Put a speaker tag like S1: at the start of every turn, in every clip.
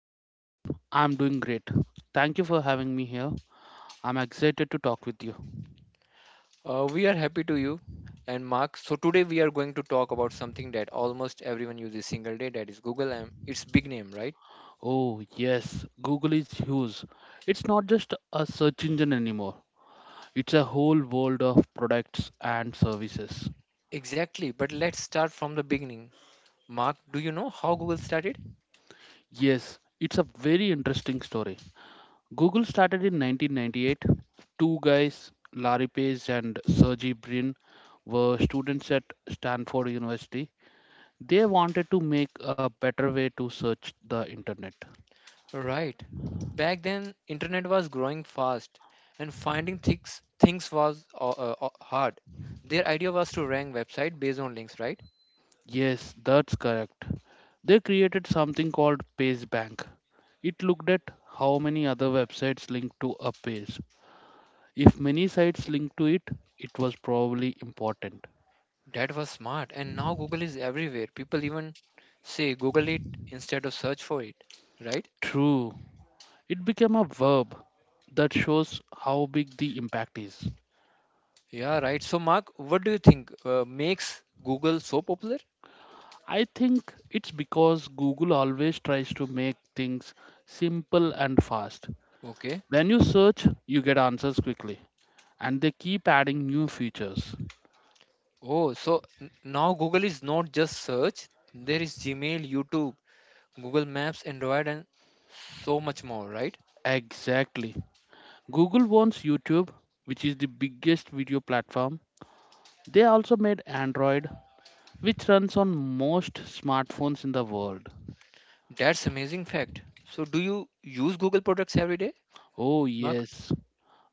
S1: Hi, John. I'm doing great. Thank you for having me here. I'm excited to talk with you.
S2: We are happy to you and Mark. So today we are going to talk about something that almost everyone uses single day. That is Google. And it's big name, right?
S1: Oh, yes, Google is huge. It's not just a search engine anymore, it's a whole world of products and services.
S2: Exactly. But let's start from the beginning. Mark, do you know how Google started?
S1: Yes, it's a very interesting story. Google started in 1998. Two guys, Larry Page and Sergey Brin, were students at Stanford University. They wanted to make a better way to search the internet.
S2: Right. Back then, internet was growing fast, and finding things was hard. Their idea was to rank website based on links, right?
S1: Yes, that's correct. They created something called PageBank. It looked at how many other websites linked to a page. If many sites linked to it, it was probably important.
S2: That was smart, and now Google is everywhere. People even say Google it instead of search for it, right?
S1: True. It became a verb that shows how big the impact is.
S2: Yeah, right. So, Mark, what do you think makes Google so popular?
S1: I think it's because Google always tries to make things simple and fast.
S2: Okay.
S1: When you search, you get answers quickly, and they keep adding new features.
S2: Oh, so now Google is not just search. There is Gmail, YouTube, Google Maps, Android, and so much more, right?
S1: Exactly. Google owns YouTube, which is the biggest video platform. They also made Android, which runs on most smartphones in the world.
S2: That's amazing fact. So do you use Google products every day,
S1: Oh,
S2: Mark?
S1: yes.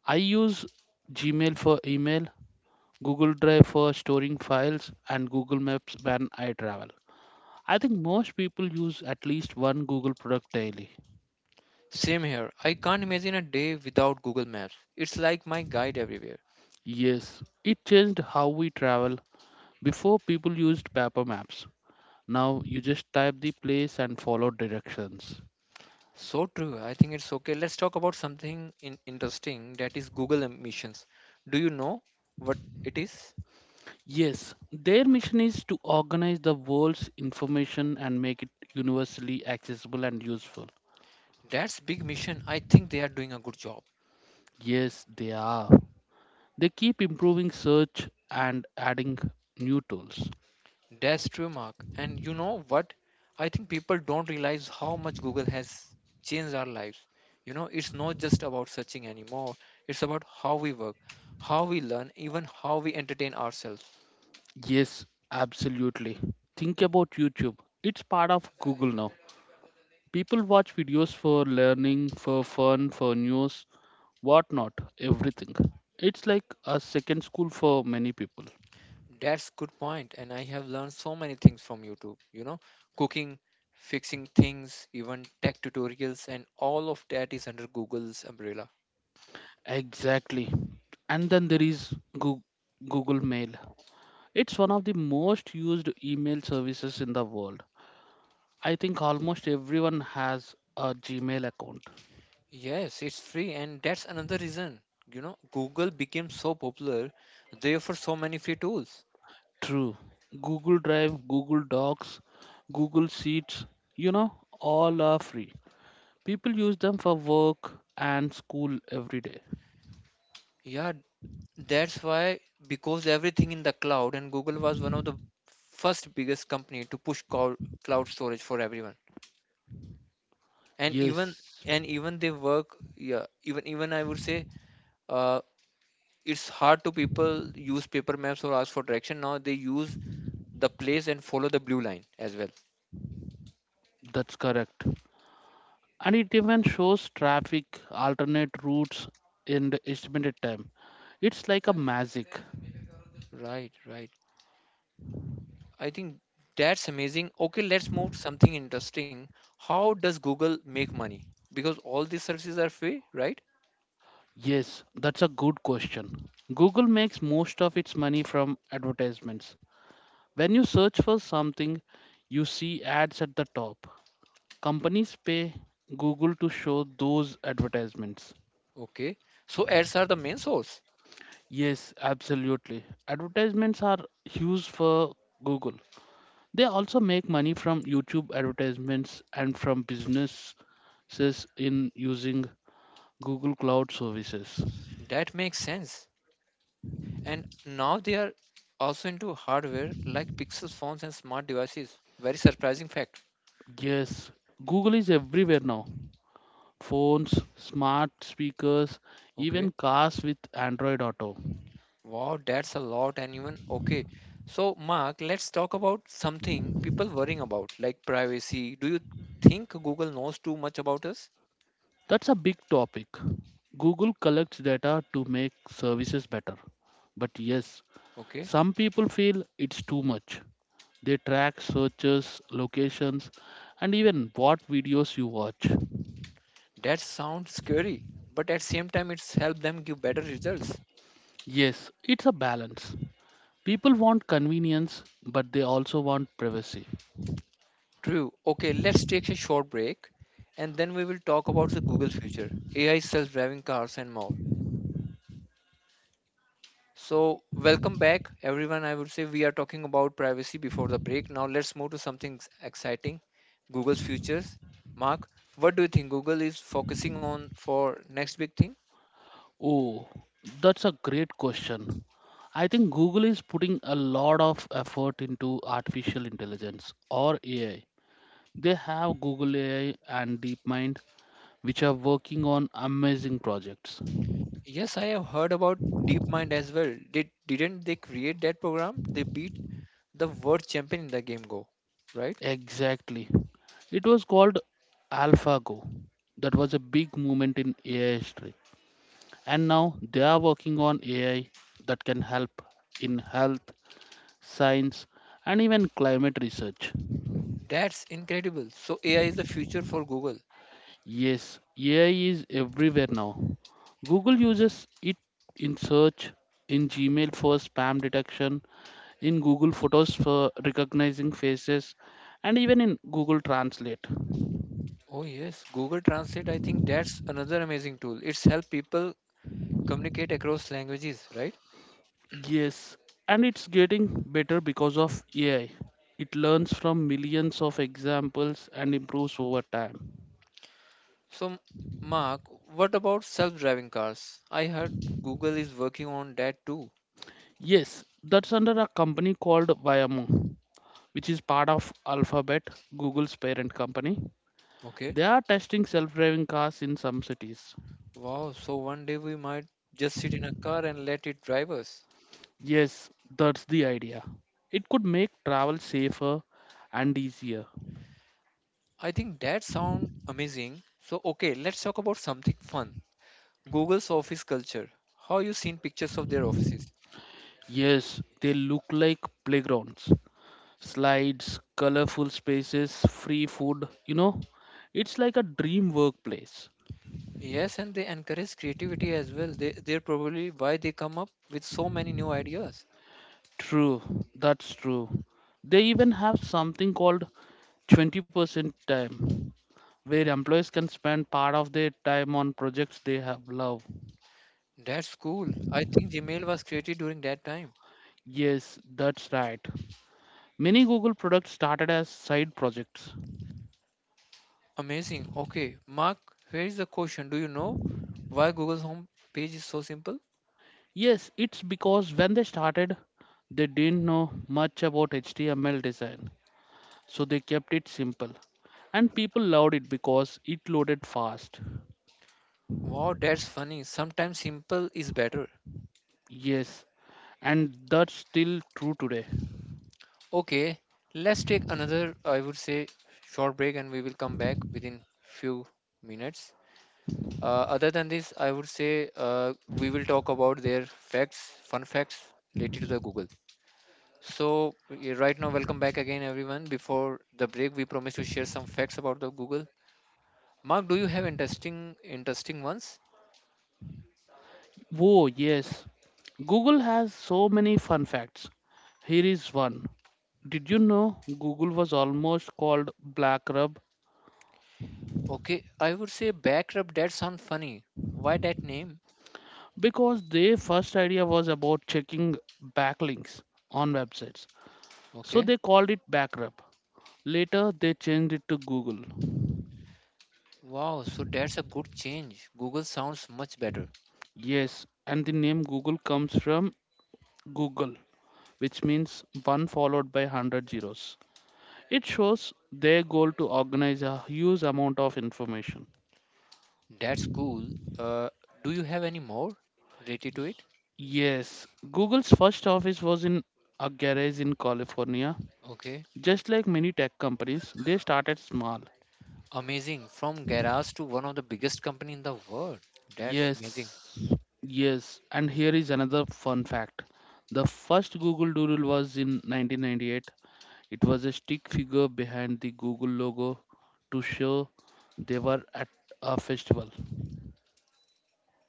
S1: I use Gmail for email, Google Drive for storing files, and Google Maps when I travel. I think most people use at least one Google product daily.
S2: Same here. I can't imagine a day without Google Maps. It's like my guide everywhere.
S1: Yes, it changed how we travel. Before, people used paper maps. Now, you just type the place and follow directions.
S2: So true. I think it's okay. Let's talk about something in interesting that is Google missions. Do you know what it is?
S1: Yes, their mission is to organize the world's information and make it universally accessible and useful.
S2: That's big mission. I think they are doing a good job.
S1: Yes, they are. They keep improving search and adding new tools.
S2: That's true, Mark. And you know what? I think people don't realize how much Google has changed our lives. You know, it's not just about searching anymore, it's about how we work, how we learn, even how we entertain ourselves.
S1: Yes, absolutely. Think about YouTube. It's part of Google now. People watch videos for learning, for fun, for news, whatnot, everything. It's like a second school for many people.
S2: That's good point, and I have learned so many things from YouTube. You know, cooking, fixing things, even tech tutorials, and all of that is under Google's umbrella.
S1: Exactly. And then there is Goo- Google Mail. It's one of the most used email services in the world. I think almost everyone has a Gmail account.
S2: Yes, it's free, and that's another reason. You know, Google became so popular, therefore, so many free tools.
S1: True. Google Drive, Google Docs, Google Sheets, you know, all are free. People use them for work and school every day.
S2: Yeah, that's why because everything in the cloud and Google was one of the first biggest company to push cloud storage for everyone. And even
S1: Yes,
S2: and even they work yeah even even I would say uh it's hard to people use paper maps or ask for direction now they use the place and follow the blue line as well.
S1: that's correct. And it even shows traffic, alternate routes, and estimated time. It's like a magic.
S2: Right, right. I think that's amazing. Okay, let's move to something interesting. How does Google make money? Because all these services are free, right?
S1: Yes, that's a good question. Google makes most of its money from advertisements. When you search for something, you see ads at the top. Companies pay Google to show those advertisements.
S2: Okay, so ads are the main source.
S1: Yes, absolutely. Advertisements are huge for Google. They also make money from YouTube advertisements and from businesses in using Google Cloud services.
S2: That makes sense. And now they are also into hardware like Pixel phones and smart devices. Very surprising fact.
S1: Yes, Google is everywhere now. Phones, smart speakers,
S2: Okay,
S1: even cars with Android Auto.
S2: wow, that's a lot. And even okay, so Mark, let's talk about something people worrying about like privacy. Do you think Google knows too much about us?
S1: That's a big topic. Google collects data to make services better. But yes,
S2: Okay,
S1: some people feel it's too much. They track searches, locations, and even what videos you watch.
S2: that sounds scary, but at same time, it's helped them give better results.
S1: Yes, it's a balance. People want convenience, but they also want privacy.
S2: True. Okay, let's take a short break and then we will talk about the Google future, AI, self-driving cars and more. So, welcome back everyone. I would say we are talking about privacy before the break. Now let's move to something exciting, Google's futures. Mark, what do you think Google is focusing on for next big thing?
S1: Oh, that's a great question. I think Google is putting a lot of effort into artificial intelligence or AI. They have Google AI and DeepMind, which are working on amazing projects.
S2: Yes, I have heard about DeepMind as well. Didn't they create that program? They beat the world champion in the game Go, right?
S1: Exactly. It was called AlphaGo. That was a big moment in AI history. And now they are working on AI that can help in health, science, and even climate research.
S2: That's incredible. So AI is the future for Google.
S1: Yes, AI is everywhere now. Google uses it in search, in Gmail for spam detection, in Google Photos for recognizing faces, and even in Google Translate.
S2: Oh yes, Google Translate, I think that's another amazing tool. It's helped people communicate across languages, right?
S1: Yes, and it's getting better because of AI. It learns from millions of examples and improves over time.
S2: So, Mark, what about self-driving cars? I heard Google is working on that too.
S1: Yes, that's under a company called Viamo, which is part of Alphabet, Google's parent company.
S2: Okay.
S1: They are testing self driving cars in some cities.
S2: Wow, so one day we might just sit in a car and let it drive us.
S1: Yes, that's the idea. It could make travel safer and easier.
S2: I think that sounds amazing. So, okay, let's talk about something fun. Google's office culture. How you seen pictures of their offices?
S1: Yes, they look like playgrounds, slides, colorful spaces, free food, you know. It's like a dream workplace.
S2: Yes, and they encourage creativity as well. They're probably why they come up with so many new ideas.
S1: True, that's true. They even have something called 20% time, where employees can spend part of their time on projects they have love.
S2: That's cool. I think Gmail was created during that time.
S1: Yes, that's right. Many Google products started as side projects.
S2: Amazing. Okay, Mark, here is the question. Do you know why Google's home page is so simple?
S1: Yes, it's because when they started, they didn't know much about HTML design, so they kept it simple. And people loved it because it loaded fast.
S2: Wow, that's funny. Sometimes simple is better.
S1: Yes, and that's still true today.
S2: Okay, let's take another, I would say, short break and we will come back within few minutes. Other than this, I would say we will talk about their facts, fun facts related to the Google. So right now, welcome back again, everyone. Before the break, we promised to share some facts about the Google. Mark, do you have interesting ones?
S1: Whoa, yes. Google has so many fun facts. Here is one. Did you know Google was almost called Black Rub
S2: Okay, I would say backrub. That sounds funny. Why that name?
S1: because their first idea was about checking backlinks on websites. So
S2: Okay.
S1: they called it Backrub. Later, they changed it to Google.
S2: Wow. So that's a good change. Google sounds much better.
S1: Yes, and the name Google comes from Google, which means one followed by 100 zeros. It shows their goal to organize a huge amount of information.
S2: That's cool. Uh, do you have any more related to it?
S1: Yes, Google's first office was in a garage in California.
S2: Okay.
S1: Just like many tech companies, they started small.
S2: Amazing. From garage to one of the biggest company in the world. That's
S1: Yes,
S2: amazing.
S1: yes. And here is another fun fact. The first Google Doodle was in 1998. It was a stick figure behind the Google logo to show they were at a festival.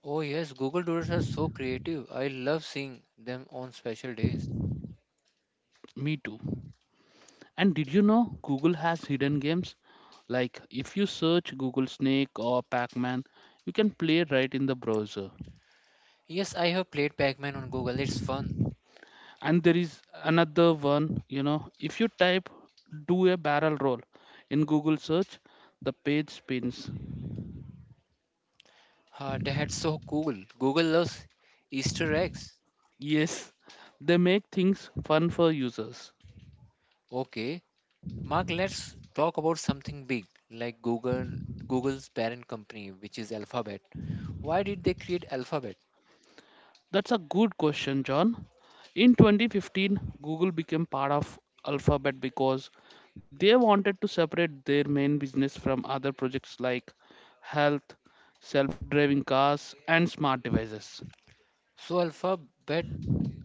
S2: Oh yes, Google Doodles are so creative. I love seeing them on special days.
S1: Me too. And did you know Google has hidden games? Like if you search Google Snake or Pac Man, you can play right in the browser.
S2: Yes, I have played Pac-Man on Google. It's fun.
S1: And there is another one, you know, if you type do a barrel roll in Google search, the page spins.
S2: Ah, that's so cool. Google loves Easter eggs.
S1: Yes, they make things fun for users.
S2: Okay, Mark, let's talk about something big like Google's parent company, which is Alphabet. Why did they create Alphabet?
S1: That's a good question, John. In 2015, Google became part of Alphabet because they wanted to separate their main business from other projects like health, self-driving cars, and smart devices.
S2: So Alphabet,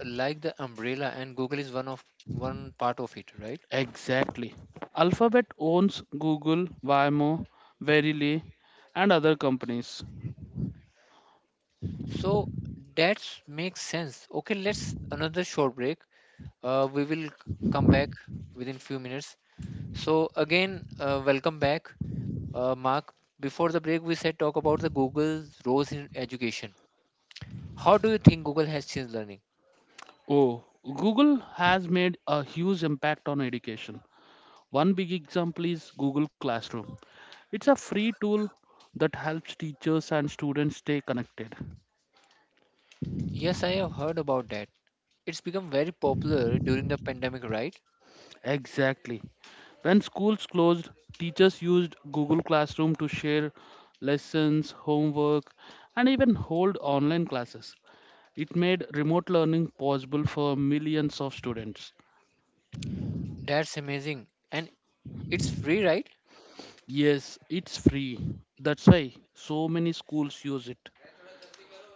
S2: like the umbrella, and Google is one part of it, right?
S1: Exactly. Alphabet owns Google, Waymo, Verily, and other companies.
S2: So that makes sense. Okay, let's another short break. We will come back within few minutes. So again, welcome back, Mark. Before the break, we said talk about the Google's roles in education. How do you think Google has changed learning?
S1: Oh, Google has made a huge impact on education. One big example is Google Classroom. It's a free tool that helps teachers and students stay connected.
S2: Yes, I have heard about that. It's become very popular during the pandemic, right?
S1: Exactly. When schools closed, teachers used Google Classroom to share lessons, homework, and even hold online classes. It made remote learning possible for millions of students.
S2: That's amazing. And it's free, right?
S1: Yes, it's free. That's why so many schools use it.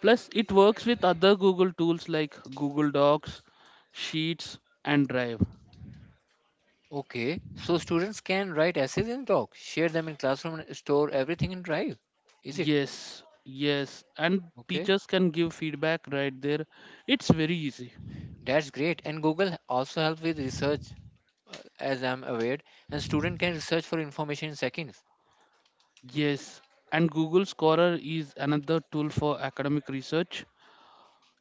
S1: Plus, it works with other Google tools like Google Docs, Sheets, and Drive.
S2: Okay. So students can write essays in Doc, share them in classroom, and store everything in Drive. Is it?
S1: Yes, yes, and
S2: Okay.
S1: teachers can give feedback right there. It's very easy.
S2: That's great. And Google also helps with research, as I'm aware, and student can research for information in seconds.
S1: Yes, and Google Scholar is another tool for academic research.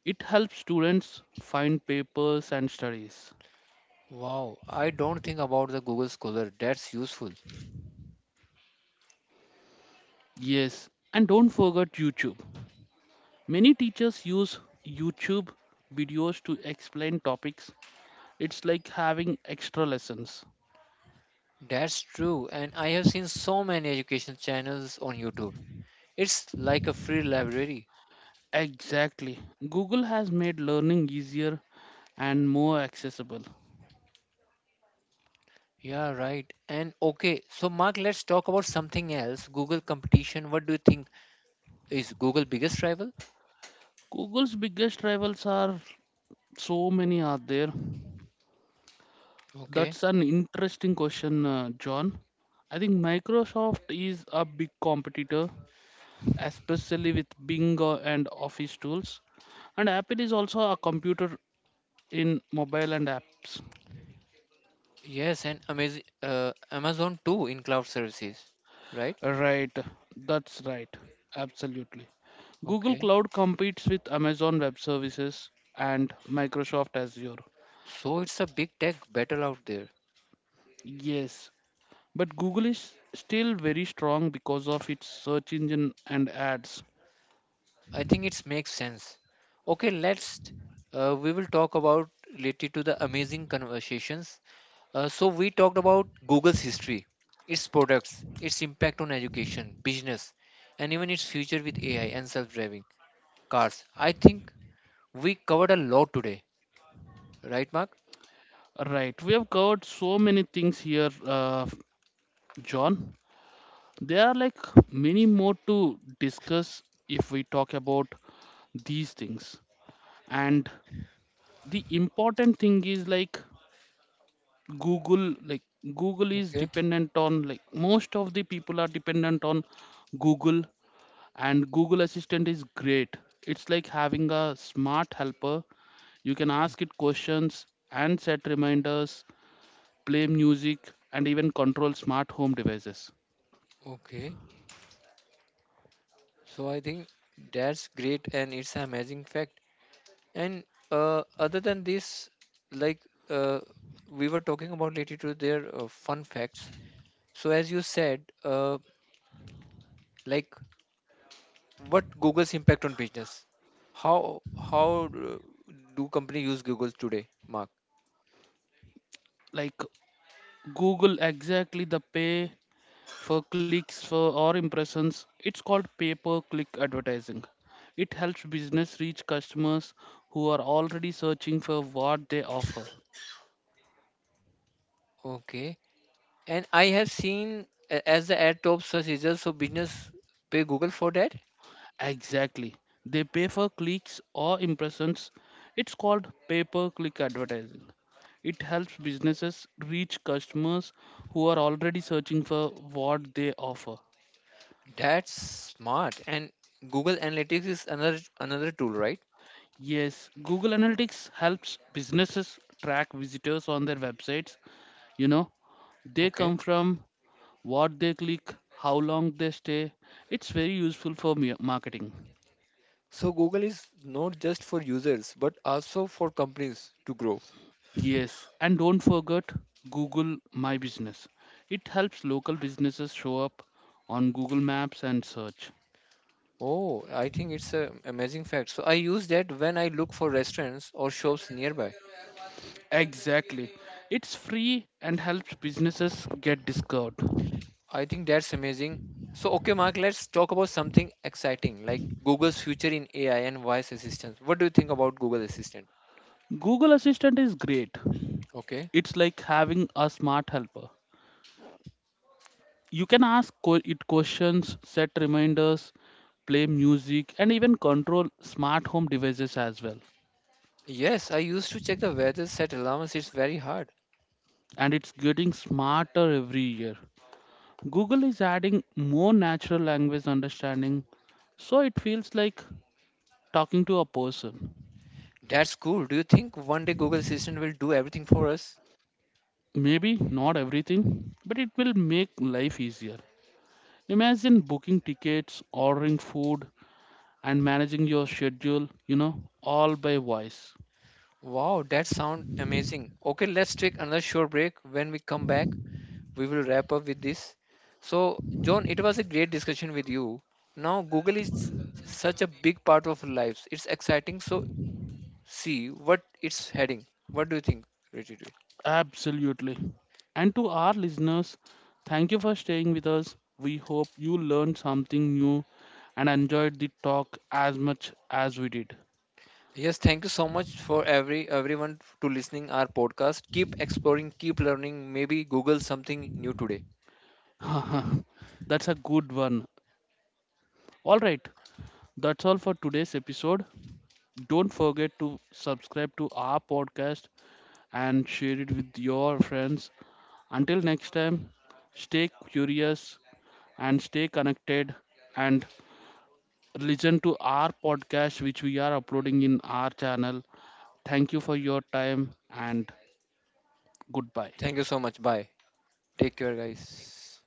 S1: It helps students find papers and studies.
S2: Wow, I don't think about the Google Scholar. That's useful.
S1: Yes, and don't forget YouTube. Many teachers use YouTube videos to explain topics. It's like having extra lessons.
S2: That's true. And I have seen so many education channels on YouTube. It's like a free library.
S1: Exactly. Google has made learning easier and more accessible.
S2: Yeah, right. And okay, so Mark, let's talk about something else. Google competition. What do you think is Google biggest rival?
S1: Google's biggest rivals are so many are there.
S2: Okay.
S1: That's an interesting question, John. I think Microsoft is a big competitor, especially with Bing, and Office tools. And Apple is also a computer in mobile and apps.
S2: Yes, and Amazon too in cloud services, right?
S1: Right, that's right, absolutely. Google
S2: Okay.
S1: Cloud competes with Amazon Web Services and Microsoft Azure.
S2: So it's a big tech battle out there.
S1: Yes, but Google is still very strong because of its search engine and ads.
S2: I think it makes sense. Okay, let's we will talk about related to the amazing conversations. So we talked about Google's history, its products, its impact on education, business, and even its future with AI and self-driving cars. I think we covered a lot today, right, Mark?
S1: Right, we have covered so many things here, John. There are, like, many more to discuss if we talk about these things. And the important thing is, like, Google, like Google is
S2: Okay.
S1: dependent on, like, most of the people are dependent on Google. And Google Assistant is great. It's like having a smart helper. You can ask it questions and set reminders, play music, and even control smart home devices.
S2: Okay, so I think that's great and it's an amazing fact. And other than this, like uh, we were talking about related to their fun facts. So as you said, like what Google's impact on business? How do company use Google today, Mark?
S1: Like Google, exactly, the pay for clicks for or impressions. It's called pay per click advertising. It helps business reach customers who are already searching for what they offer.
S2: Okay. And I have seen as the ad top search results, so business pay Google for that.
S1: Exactly, they pay for clicks or impressions. It's called pay per click advertising. It helps businesses reach customers who are already searching for what they offer.
S2: That's smart. And Google Analytics is another tool, right?
S1: Yes, Google Analytics helps businesses track visitors on their websites. You know, they come from what they click, how long they stay. It's very useful for marketing.
S2: So Google is not just for users, but also for companies to grow.
S1: Yes, and don't forget Google My Business. It helps local businesses show up on Google Maps and search.
S2: Oh, I think it's an amazing fact. So I use that when I look for restaurants or shops nearby.
S1: Exactly. It's free and helps businesses get discovered.
S2: I think that's amazing. So okay, Mark, let's talk about something exciting like Google's future in AI and voice assistants. What do you think about Google Assistant?
S1: Google Assistant is great.
S2: Okay.
S1: It's like having a smart helper. You can ask it questions, set reminders, play music, and even control smart home devices as well.
S2: Yes, I used to check the weather, set alarms. It's very hard.
S1: And it's getting smarter every year. Google is adding more natural language understanding, so it feels like talking to a person.
S2: That's cool. Do you think one day Google Assistant will do everything for us?
S1: Maybe not everything, but it will make life easier. Imagine booking tickets, ordering food, and managing your schedule, you know, all by voice.
S2: Wow, that sounds amazing. Okay, let's take another short break. When we come back, we will wrap up with this. So, John, it was a great discussion with you. Now, Google is such a big part of our lives. It's exciting. So, see what it's heading. What do you think, Richard?
S1: Absolutely. And to our listeners, thank you for staying with us. We hope you learned something new and enjoyed the talk as much as we did.
S2: Yes, thank you so much for everyone to listening our podcast. Keep exploring, keep learning. Maybe Google something new today.
S1: That's a good one. All right, that's all for today's episode. Don't forget to subscribe to our podcast and share it with your friends. Until next time, stay curious and stay connected and listen to our podcast, which we are uploading in our channel. Thank you for your time and
S2: Thank
S1: goodbye.
S2: you so much. Bye. Take care, guys.